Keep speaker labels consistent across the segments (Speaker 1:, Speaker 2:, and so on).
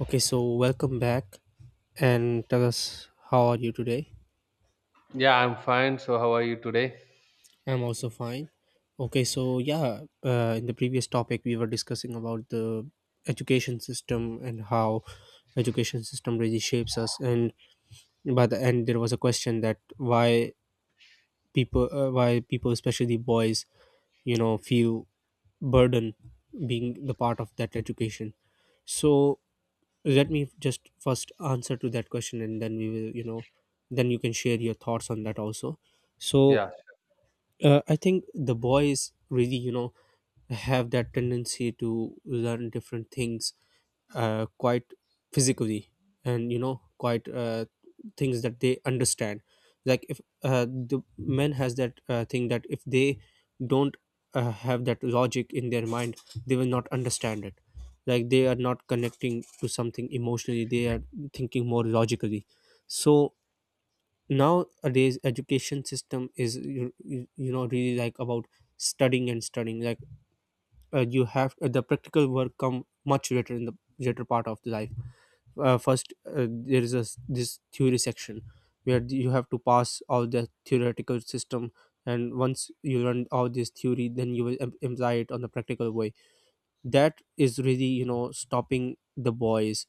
Speaker 1: Okay, so welcome back and tell us how are you today?
Speaker 2: Yeah, I'm fine. So, how are you today?
Speaker 1: I'm also fine. Okay, in the previous topic we were discussing about the education system and how education system really shapes us, and by the end there was a question that why people especially boys, you know, feel burden being the part of that education. So let me just first answer to that question, and then we will you know then you can share your thoughts on that also, so
Speaker 2: Yeah,
Speaker 1: I think the boys really, you know, have that tendency to learn different things quite physically, and you know quite things that they understand. Like if the men has that thing that if they don't have that logic in their mind, they will not understand it. Like they are not connecting to something emotionally, they are thinking more logically. So nowadays education system is you know really like about studying and studying, like you have the practical work come much later in the later part of the life. First there is a, this theory section where you have to pass all the theoretical system, and once you learn all this theory then you will apply it on the practical way. That is really, you know, stopping the boys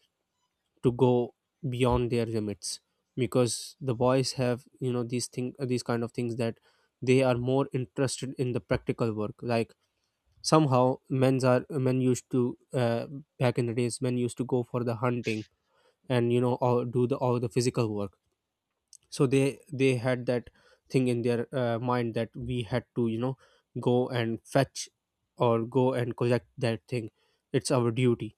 Speaker 1: to go beyond their limits, because the boys have, you know, these kind of things, that they are more interested in the practical work. Like somehow men used to back in the days, men used to go for the hunting and you know all, do the all the physical work. So they had that thing in their mind that we had to, you know, go and fetch or go and collect that thing. It's our duty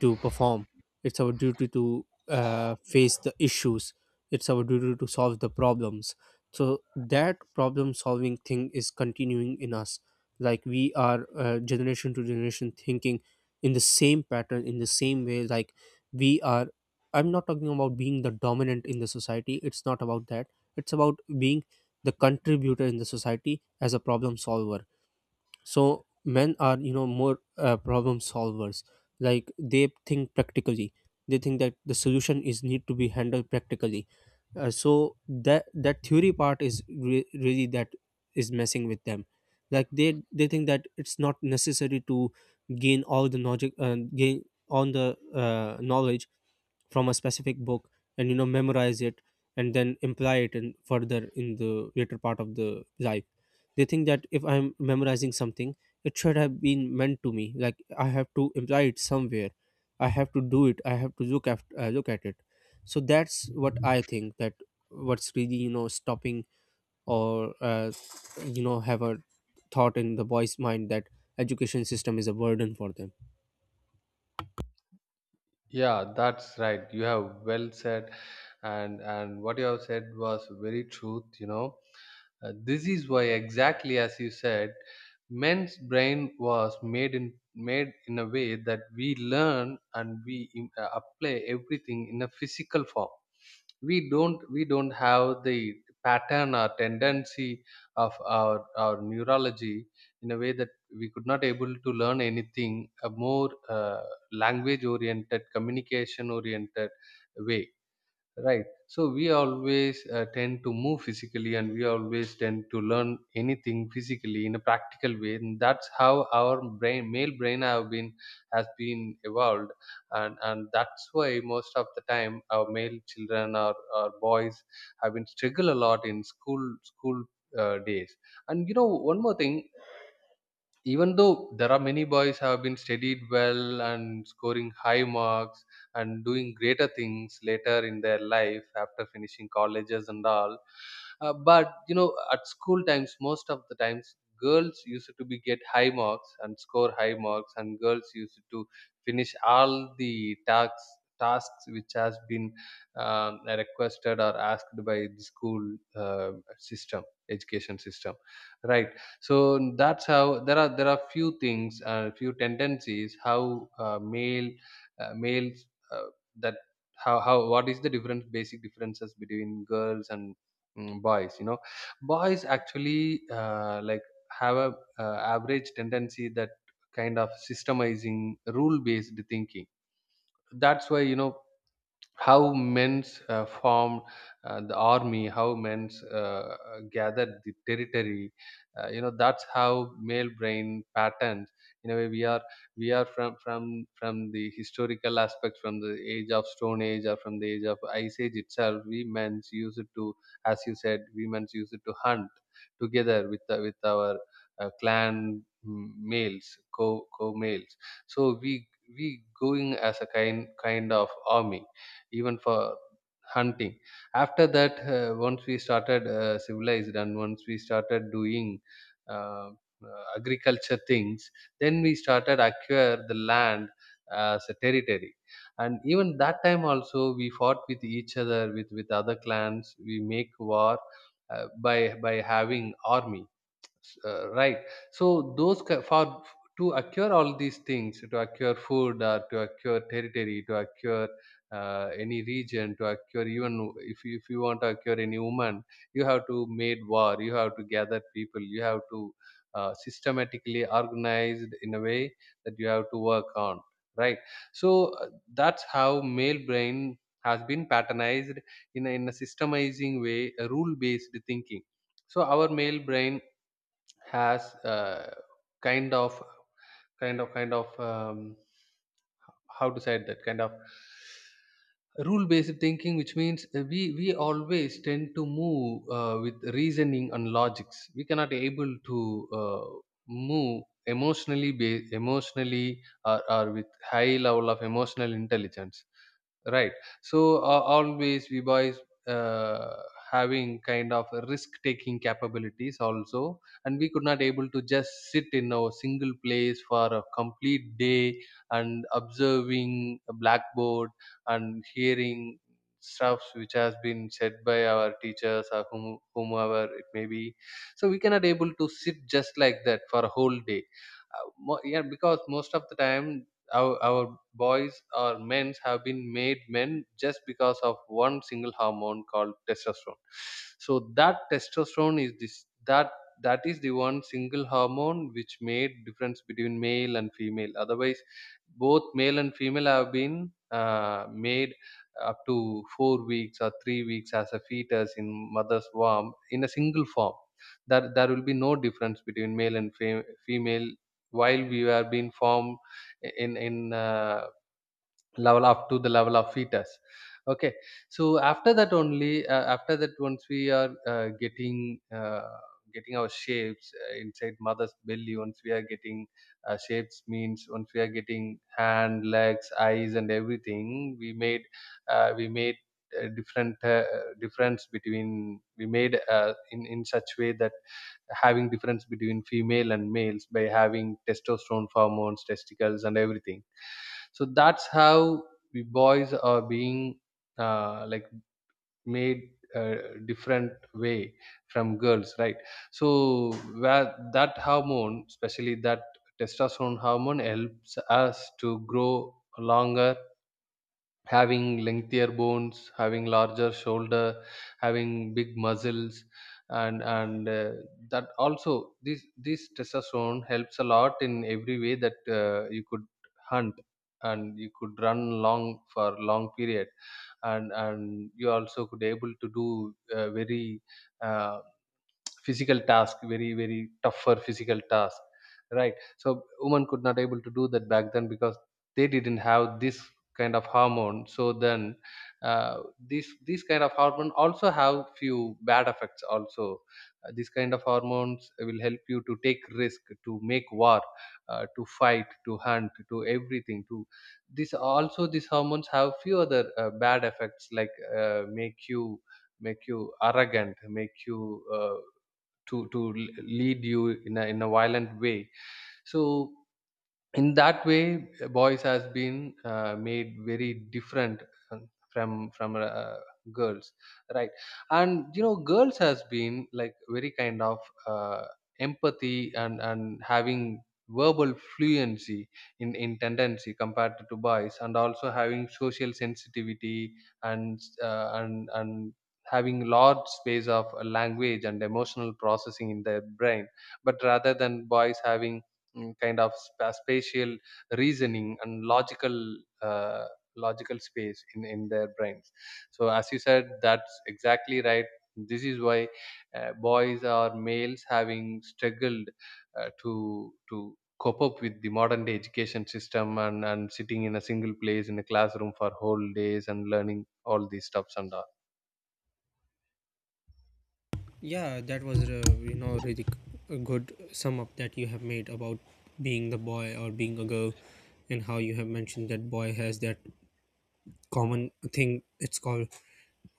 Speaker 1: to perform, it's our duty to face the issues, it's our duty to solve the problems. So that problem solving thing is continuing in us, like we are, generation to generation, thinking in the same pattern, in the same way. Like we are, I'm not talking about being the dominant in the society, it's not about that, it's about being the contributor in the society as a problem solver. So men are, you know, more problem solvers, like they think practically, they think that the solution is need to be handled practically. So that theory part is really that is messing with them. Like they think that it's not necessary to gain all the knowledge, gain all the knowledge from a specific book and you know memorize it, and then imply it in further in the later part of the life. They think that if I'm memorizing something, it should have been meant to me. Like I have to imply it somewhere. I have to do it. I have to look after, look at it. So that's what I think that what's really, you know, stopping or have a thought in the boy's mind that education system is a burden for them.
Speaker 2: yeah, that's right. You have well said, and what you have said was very truth. You know, this is why, exactly as you said, men's brain was made in a way that we learn and we apply everything in a physical form. We don't have the pattern or tendency of our neurology in a way that we could not able to learn anything a more language oriented, communication oriented way. Right. So we always tend to move physically, and we always tend to learn anything physically in a practical way. And that's how our brain, male brain have been, has been evolved. And that's why most of the time our male children, or boys have been struggle a lot in school days. And you know, one more thing, even though there are many boys have been studied well and scoring high marks and doing greater things later in their life after finishing colleges and all, but you know at school times most of the times girls used to be get high marks and score high marks, and girls used to finish all the tasks which has been requested or asked by the school uh, system, education system, right? So that's how there are few things, few tendencies how males, uh, that how what is the difference, basic differences between girls and boys, you know. Boys actually, like, have a average tendency that kind of systemizing, rule based thinking. That's why you know how men's formed the army, how men's gathered the territory, you know, that's how male brain patterns. In a way we are, we are from from the historical aspect, from the age of stone age or from the age of ice age itself, we men's used to, as you said, we men's used to hunt together with the, with our clan, males, co males. So we going as a kind of army even for hunting. After that, once we started civilized and once we started doing uh, agriculture things, then we started acquire the land as a territory. And even that time also we fought with each other, with other clans we make war by having army, right? So for, to acquire all these things, to acquire food, or to acquire territory, to acquire any region, to acquire even if you want to acquire any woman, you have to made war, you have to gather people, you have to systematically organized in a way that you have to work on, right? So uh, that's how male brain has been patternized in a systemizing way, a rule based thinking. So our male brain has kind of kind of how to say it, that kind of rule based thinking, which means we always tend to move with reasoning and logics. We cannot able to move emotionally, emotionally, or with high level of emotional intelligence. Right. So always we boys uh, having kind of risk-taking capabilities also, and we could not able to just sit in a single place for a complete day and observing a blackboard and hearing stuffs which has been said by our teachers or whomever it may be. So we cannot able to sit just like that for a whole day. Yeah, because most of the time our boys or men have been made men just because of one single hormone called testosterone. So that testosterone is this that, that is the one single hormone which made difference between male and female. Otherwise both male and female have been made up to 4 weeks or 3 weeks as a fetus in mother's womb in a single form, that there will be no difference between male and female while we were being formed in in level up to the level of fetus, okay? So after that only, after that, once we are getting getting our shapes inside mother's belly, once we are getting shapes means, once we are getting hand, legs, eyes and everything, we made, we made different difference between, we made in such way that having difference between female and males by having testosterone hormones, testicles and everything. So that's how we boys are being, like, made a different way from girls, right? So where that hormone, especially that testosterone hormone, helps us to grow longer, having lengthier bones, having larger shoulder, having big muscles, and that also, this testosterone helps a lot in every way, that you could hunt, and you could run long for long period, and you also could able to do very uh, physical task, very very tougher physical task, right? So women could not able to do that back then because they didn't have this kind of hormone. So then, this this kind of hormone also have few bad effects also. This kind of hormones will help you to take risk, to make war, to fight, to hunt, to everything, to, this also, these hormones have few other bad effects, like, make you, make you arrogant, make you to lead you in a, in a violent way. So in that way, boys has been made very different, from girls, right? And you know girls has been like very kind of uh, empathy and having verbal fluency in tendency compared to boys, and also having social sensitivity, and having large space of language and emotional processing in their brain, but rather than boys having, kind of spatial reasoning and logical uh, logical space in their brains. So as you said, that's exactly right. This is why boys or males having struggled uh, to to cope up with the modern day education system, and sitting in a single place in a classroom for whole days and learning all these stuffs and all.
Speaker 1: Yeah, that was you know really a good sum up that you have made about being the boy or being a girl, and how you have mentioned that boy has that common thing. It's called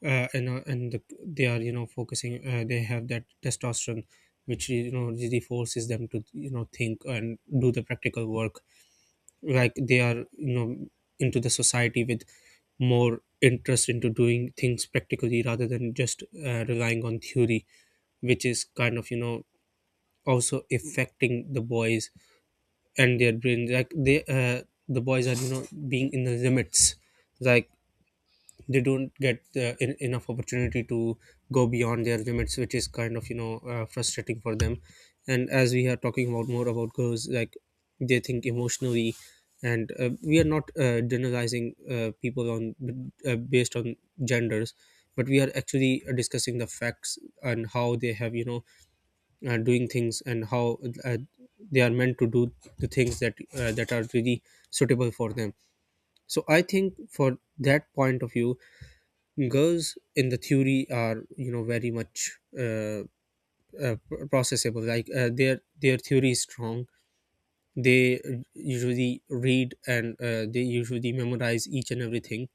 Speaker 1: and the, they are, you know, focusing. They have that testosterone, which you know really forces them to, you know, think and do the practical work. Like they are, you know, into the society with more interest into doing things practically, rather than just relying on theory, which is kind of, you know, also affecting the boys and their brains. Like they the boys are, you know, being in the limits, like they don't get enough opportunity to go beyond their limits, which is kind of, you know, frustrating for them. And as we are talking about more about girls, like they think emotionally, and we are not generalizing people on based on genders, but we are actually discussing the facts and how they have, you know, doing things, and how uh, they are meant to do the things that that are really suitable for them. So I think for that point of view, girls in the theory are, you know, very much processable. Like their theory is strong, they usually read and they usually memorize each and everything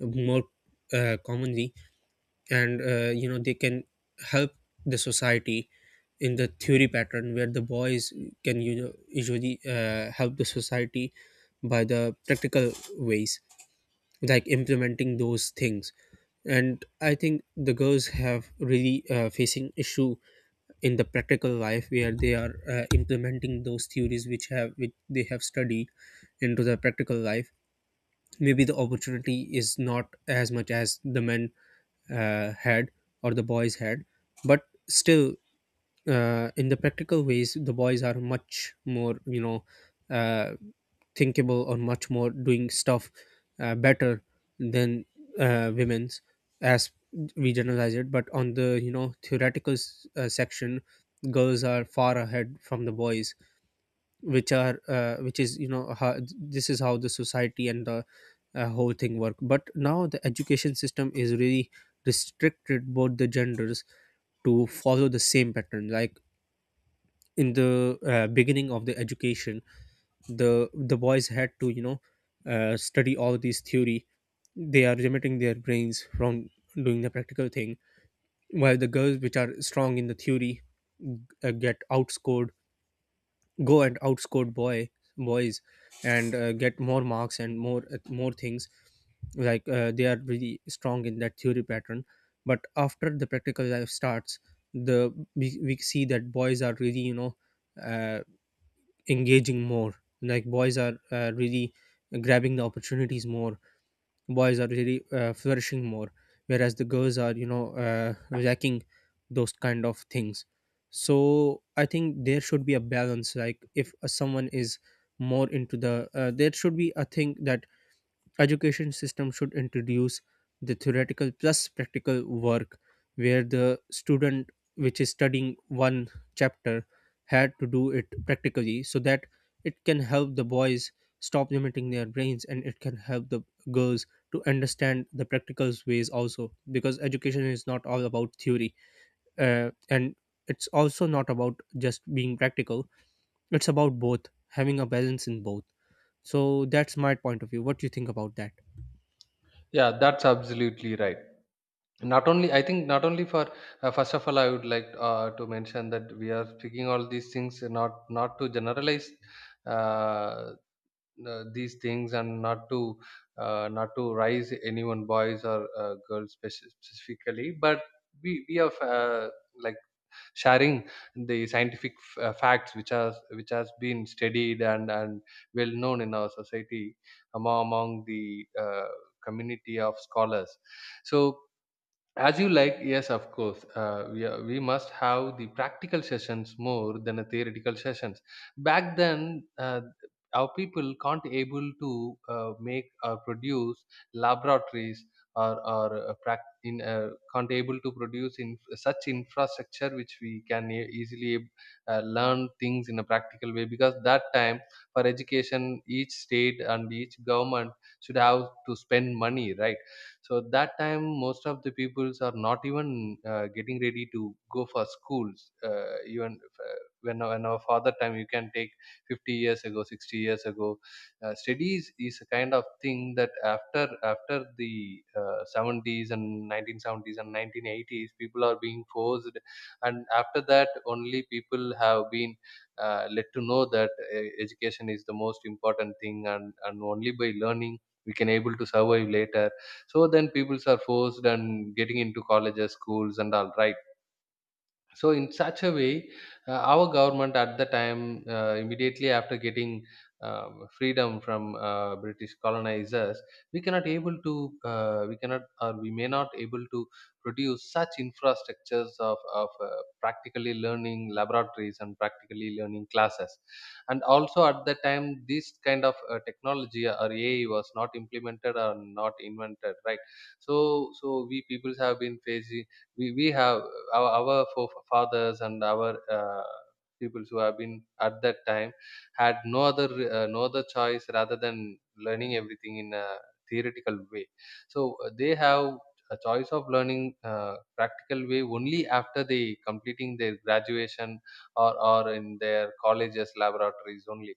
Speaker 1: more commonly. And you know they can help the society in the theory pattern, where the boys can, you know, usually help the society by the practical ways, like implementing those things. And I think the girls have really facing issue in the practical life where they are implementing those theories which have which they have studied into the practical life. Maybe the opportunity is not as much as the men had or the boys had, but still in the practical ways, the boys are much more, you know, uh, thinkable or much more doing stuff better than women's, as we generalize it. But on the, you know, theoretical section, girls are far ahead from the boys, which are which is you know how, this is how the society and the whole thing work. But now the education system is really restricted both the genders to follow the same pattern. Like in the beginning of the education, the boys had to, you know, study all these theory, they are limiting their brains from doing the practical thing, while the girls which are strong in the theory get outscored go and outscored boys and get more marks and more more things. Like they are really strong in that theory pattern. But after the practical life starts, the we see that boys are really, you know, uh, engaging more. Like boys are really grabbing the opportunities more, boys are really flourishing more, whereas the girls are, you know, lacking those kind of things. So I think there should be a balance. Like if someone is more into the there should be a thing that education system should introduce the theoretical plus practical work, where the student which is studying one chapter had to do it practically, so that it can help the boys stop limiting their brains, and it can help the girls to understand the practical ways also. Because education is not all about theory, and it's also not about just being practical, it's about both having a balance in both. So that's my point of view. What do you think about that?
Speaker 2: Yeah, that's absolutely right. Not only, I think, not only for, first of all, I would like to mention that we are speaking all these things not, not to generalize uh, these things, and not to not to rise anyone boys or girls specifically, but we are like sharing the scientific facts which has, which has been studied and well known in our society, among the community of scholars. So, as you like, yes of course, we must have the practical sessions more than the theoretical sessions. Back then, our people can't able to make or produce laboratories, can't able to produce in such infrastructure which we can easily learn things in a practical way, because that time, for education, each state and each government should have to spend money, right? So that time most of the peoples are not even getting ready to go for schools, even if, when our father time you can take 50 years ago, 60 years ago, studies is a kind of thing that after the 70s and 1970s and 1980s people are being forced, and after that only people have been let to know that education is the most important thing, and only by learning we can able to survive later. So then peoples are forced and getting into colleges, schools and all, right? So in such a way, our government at the time, immediately after getting freedom from British colonizers, we cannot able to, we cannot or we may not able to produce such infrastructures of practically learning laboratories and practically learning classes, and also at the time this kind of technology or AI was not implemented or not invented, right? So we people have been facing. We have our forefathers and our uh, people who have been at that time had no other choice rather than learning everything in a theoretical way. So they have a choice of learning practical way only after they completing their graduation, or in their colleges laboratories only.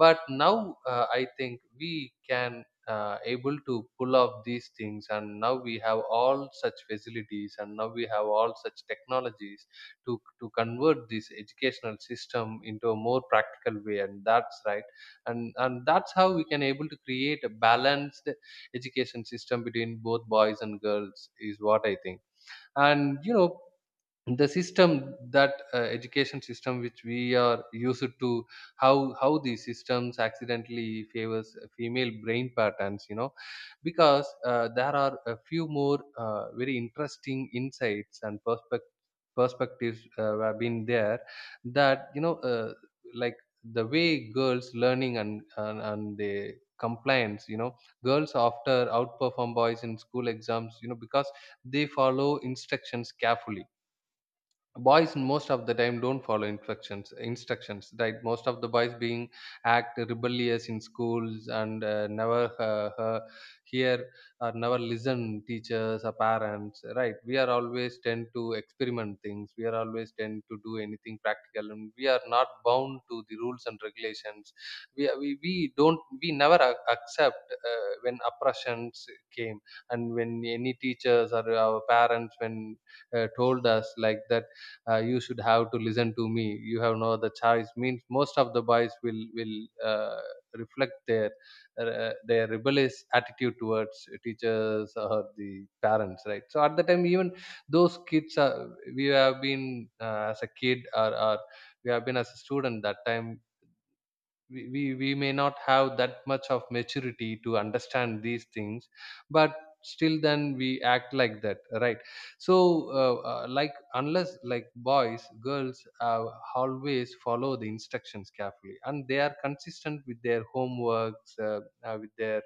Speaker 2: But now, I think we can, able to pull off these things, and now we have all such facilities, and now we have all such technologies to convert this educational system into a more practical way, and that's right. And that's how we can able to create a balanced education system between both boys and girls, is what I think. And the system that, education system which we are used to, how these systems accidentally favors female brain patterns. Because there are a few more very interesting insights and perspectives, have been there. That like the way girls learning, and they compliance. Girls after outperform boys in school exams, because they follow instructions carefully. Boys most of the time don't follow instructions, right? Most of the boys being act rebellious in schools, and never hear or never listen teachers or parents, right? We are always tend to experiment things. We are always tend to do anything practical, and we are not bound to the rules and regulations. We never accept, when oppressions came, and when any teachers or our parents when, told us like that, you should have to listen to me. You have no other choice, means most of the boys will, uh, reflect their, their rebellious attitude towards teachers or the parents, right? So at the time, even those kids are, we have been, as a kid, or we have been as a student that time, we may not have that much of maturity to understand these things. But still then we act like that, right? So like unless like boys, girls, always follow the instructions carefully, and they are consistent with their homeworks, with their,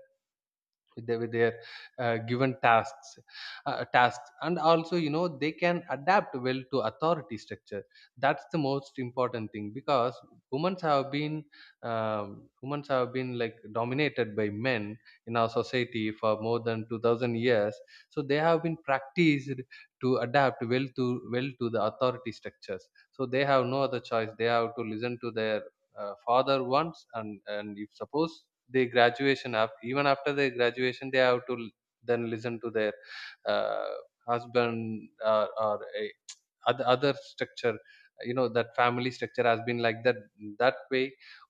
Speaker 2: with their, given tasks, and also you know they can adapt well to authority structure. That's the most important thing, because women have been women have been like dominated by men in our society for more than 2000 years. So they have been practiced to adapt well to the authority structures. So they have no other choice, they have to listen to their, father wants, and if suppose they graduation up, even after their graduation they have to l- then listen to their, uh, husband, or other structure. You know, that family structure has been like that, that way.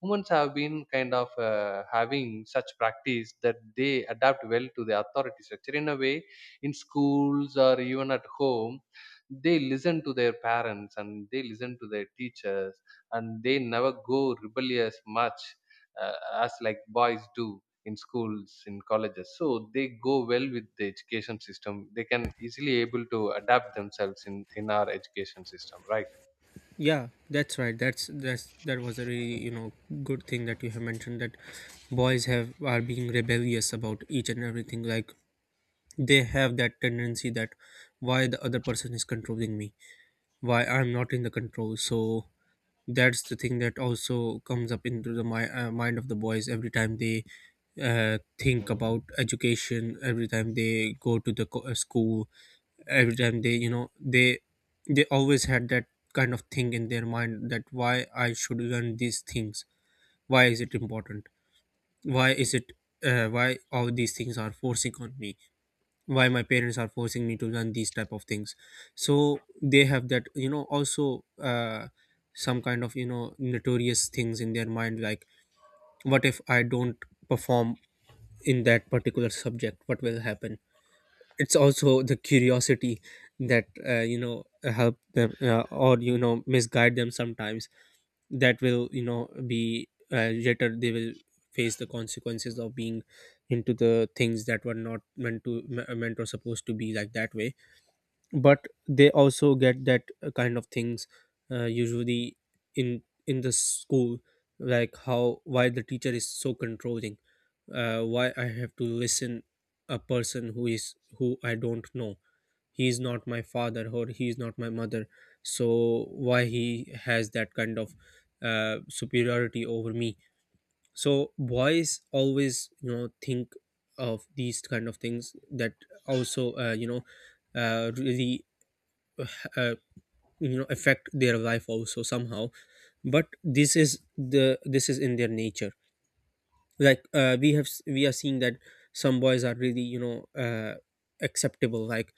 Speaker 2: Women have been kind of, having such practice that they adapt well to the authority structure in a way, in schools or even at home. They listen to their parents, and they listen to their teachers, and they never go rebellious much, uh, as like boys do in schools, in colleges. So they go well with the education system, they can easily able to adapt themselves in our education system, right?
Speaker 1: Yeah, that's right. That's that was a really, you know, good thing that you have mentioned, that boys have are being rebellious about each and everything. Like they have that tendency that why the other person is controlling me, why I'm not in the control. So that's the thing that also comes up into the mind of the boys every time they think about education, every time they go to the school, every time they you know they always had that kind of thing in their mind that why I should learn these things, why is it important, why is it why all these things are forcing on me, why my parents are forcing me to learn these type of things. So they have that, you know, also some kind of, you know, notorious things in their mind, like what if I don't perform in that particular subject, what will happen. It's also the curiosity that you know help them or you know misguide them sometimes, that will you know be later they will face the consequences of being into the things that were not meant to meant or supposed to be like that way. But they also get that kind of things usually in the school, like how, why the teacher is so controlling, why I have to listen a person who is who I don't know, he is not my father or he is not my mother, so why he has that kind of superiority over me. So boys always, you know, think of these kind of things that also really uh, affect their life also somehow. But this is the this is in their nature. Like we are seeing that some boys are really, you know, uh, acceptable. Like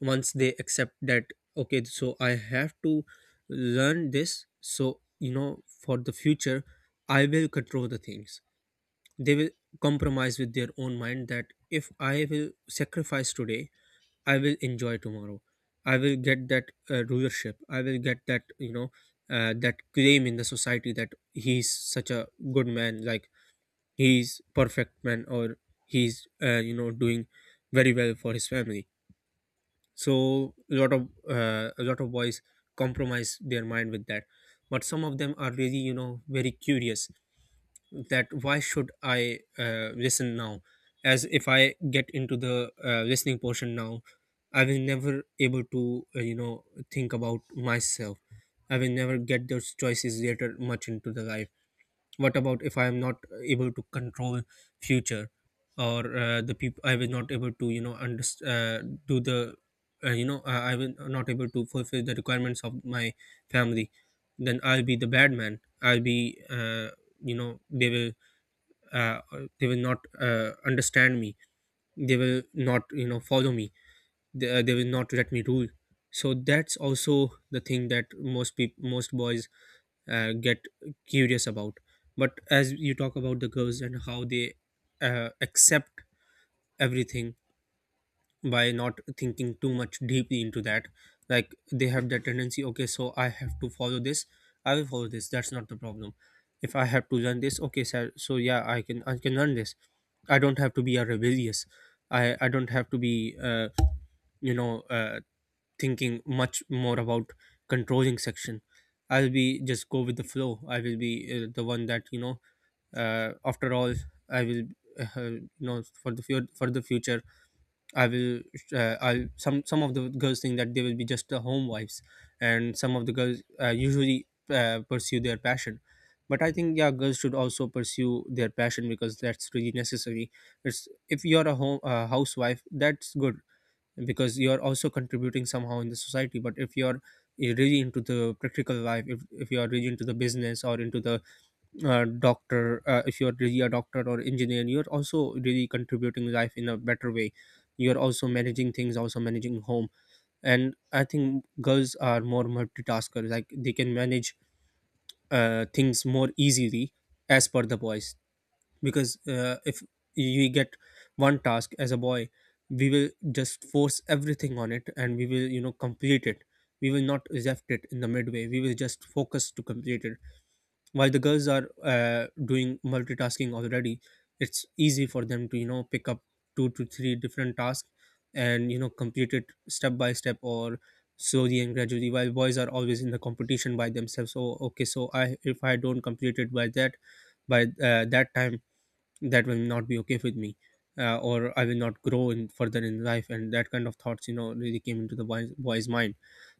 Speaker 1: once they accept that, okay, so I have to learn this, so you know, for the future I will control the things, they will compromise with their own mind that if I will sacrifice today, I will enjoy tomorrow. I will get that rulership. I will get that that claim in the society that he's such a good man, like he's perfect man, or he's doing very well for his family. So a lot of boys compromise their mind with that, but some of them are really, you know, very curious that why should I listen now? As if I get into the listening portion now, I will never able to think about myself. I will never get those choices later much into the life. What about if I am not able to control future, or the people, I will not able to, you know, do the I will not able to fulfill the requirements of my family. Then I'll be the bad man. I'll be you know they will uh, they will not understand me, they will not, you know, follow me, they will not let me rule. So that's also the thing that most boys get curious about. But as you talk about the girls and how they accept everything by not thinking too much deeply into that, like they have that tendency. Okay, so I have to follow this, I will follow this, that's not the problem. If I have to learn this, okay sir, so yeah, I can, I can learn this. I don't have to be a rebellious, I don't have to be you know uh, thinking much more about controlling section. I'll be just go with the flow. I will be the one that, you know, after all, I will, for the for the future I will. I, some of the girls think that they will be just the home wives, and some of the girls usually pursue their passion. But I think yeah, girls should also pursue their passion because that's really necessary. It's, if you're a home housewife, that's good because you're also contributing somehow in the society. But if you're really into the practical life, if you are really into the business or into the doctor if you're really a doctor or engineer, you're also really contributing life in a better way. You're also managing things, also managing home. And I think girls are more multitaskers, like they can manage things more easily as per the boys. Because if we get one task as a boy, we will just force everything on it and we will, you know, complete it. We will not reject it in the midway, we will just focus to complete it. While the girls are doing multitasking already, it's easy for them to, you know, pick up two to three different tasks and, you know, complete it step by step, or slowly and gradually. While boys are always in the competition by themselves. So okay, so I, if I don't complete it by that, by that time, that will not be okay with me. Or I will not grow in further in life, and that kind of thoughts, you know, really came into the boy's mind.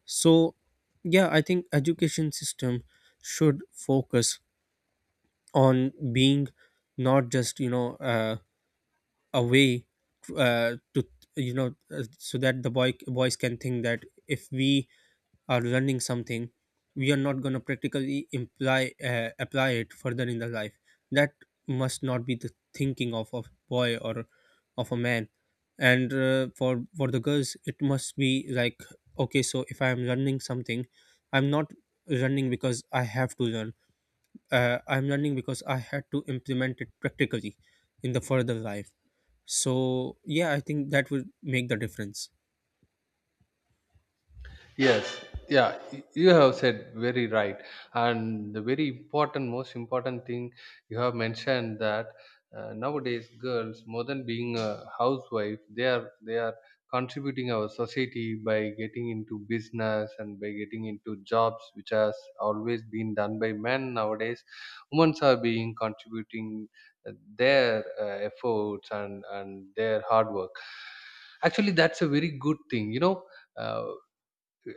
Speaker 1: So yeah, I think education system should focus on being not just, you know, a way to, you know, so that the boys can think that if we are learning something, we are not going to practically imply apply it further in the life. That must not be the thinking of a boy or of a man. And for the girls it must be like, okay, so if I am learning something, I'm not learning because I have to learn. I'm learning because I had to implement it practically in the further life. So yeah, I think that would make the difference.
Speaker 2: Yes, yeah, you have said very right, and the very important, most important thing you have mentioned that, nowadays girls, more than being a housewife, they are contributing our society by getting into business and by getting into jobs which has always been done by men. Nowadays, women are being contributing, uh, their, efforts and their hard work. Actually, that's a very good thing, you know. Uh,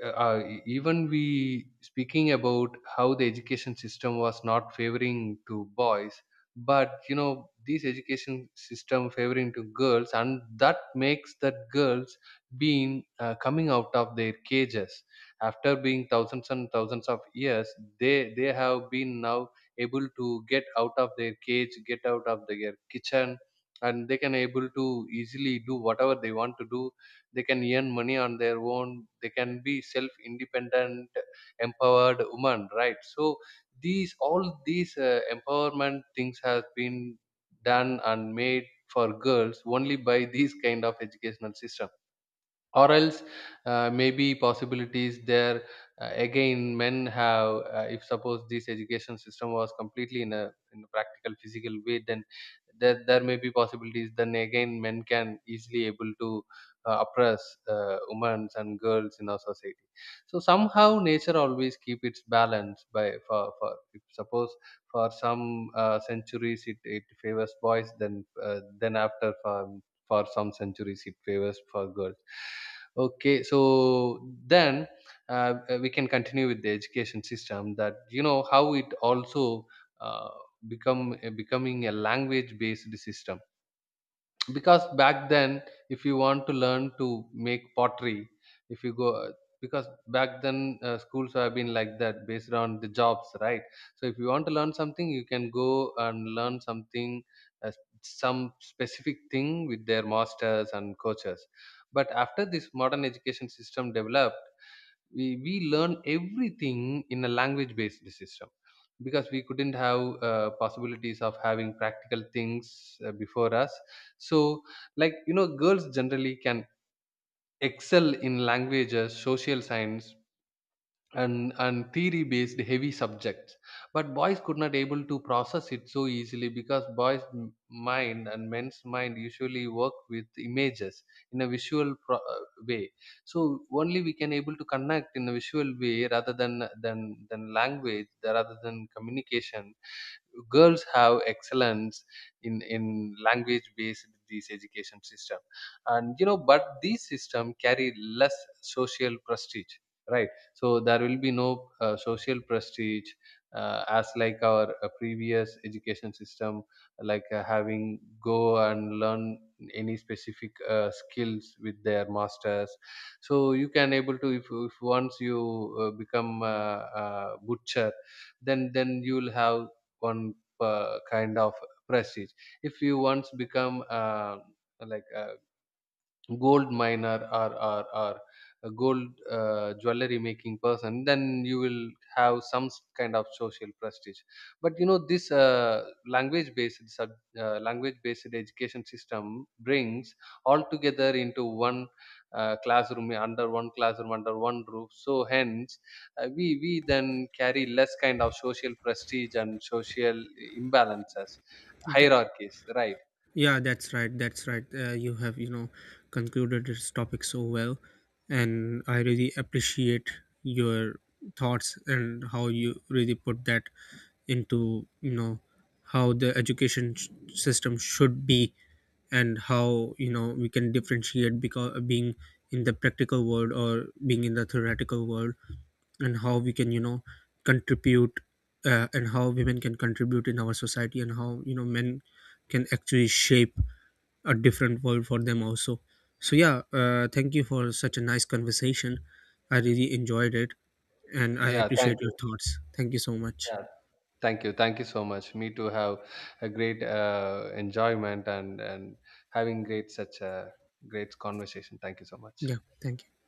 Speaker 2: Even we speaking about how the education system was not favoring to boys, but you know this education system favoring to girls, and that makes that girls being, coming out of their cages after being thousands and thousands of years, they have been now able to get out of their cage, get out of their kitchen, and they can able to easily do whatever they want to do. They can earn money on their own, they can be self independent, empowered woman, right? So these all these, empowerment things has been done and made for girls only by these kind of educational system. Or else, maybe possibilities there, again men have, if suppose this education system was completely in a, in a practical physical way, then there may be possibilities, then again men can easily able to, oppress, women and girls in our society. So somehow nature always keep its balance by, for if suppose for some, centuries it favors boys, then, then after for some centuries it favors for girls. Okay, so then, we can continue with the education system that you know how it also, uh, become becoming a language based system. Because back then, if you want to learn to make pottery, if you go, because back then, schools have been like that, based on the jobs, right? So if you want to learn something, you can go and learn something, uh, some specific thing, with their masters and coaches. But after this modern education system developed, we learn everything in a language based system, because we couldn't have, possibilities of having practical things, before us. So like you know, girls generally can excel in languages, social science, and theory based heavy subjects. But boys could not able to process it so easily, because boys mind and men's mind usually work with images in a visual, way. So only we can able to connect in a visual way, rather than language, rather than communication. Girls have excellence in language based this education system. And you know, but these system carry less social prestige, right? So there will be no, social prestige, as like our previous education system, like having go and learn any specific, skills with their masters. So you can able to, if once you, become a butcher, then you will have one, kind of prestige. If you once become, like a gold miner, or a gold, jewelry making person, then you will have some, kind of social prestige. But you know this, language based language based education system brings all together into one, classroom under one classroom under one roof. So hence, we then carry less kind of social prestige and social imbalances,
Speaker 1: Th-
Speaker 2: hierarchies, right?
Speaker 1: Yeah, that's right. That's right. You have, you know, concluded this topic so well, and I really appreciate your thoughts and how you really put that into, you know, how the system should be, and how, you know, we can differentiate because being in the practical world or being in the theoretical world, and how we can, you know, contribute and how women can contribute in our society, and how, you know, men can actually shape a different world for them also. So yeah, thank you for such a nice conversation. I really enjoyed it, and I
Speaker 2: Yeah, thank
Speaker 1: appreciate your
Speaker 2: you.
Speaker 1: thoughts. Thank you so much.
Speaker 2: Yeah. Thank you. Thank you so much. Me too have a great, enjoyment, and having great such a great conversation. Thank you so much.
Speaker 1: Yeah, thank you.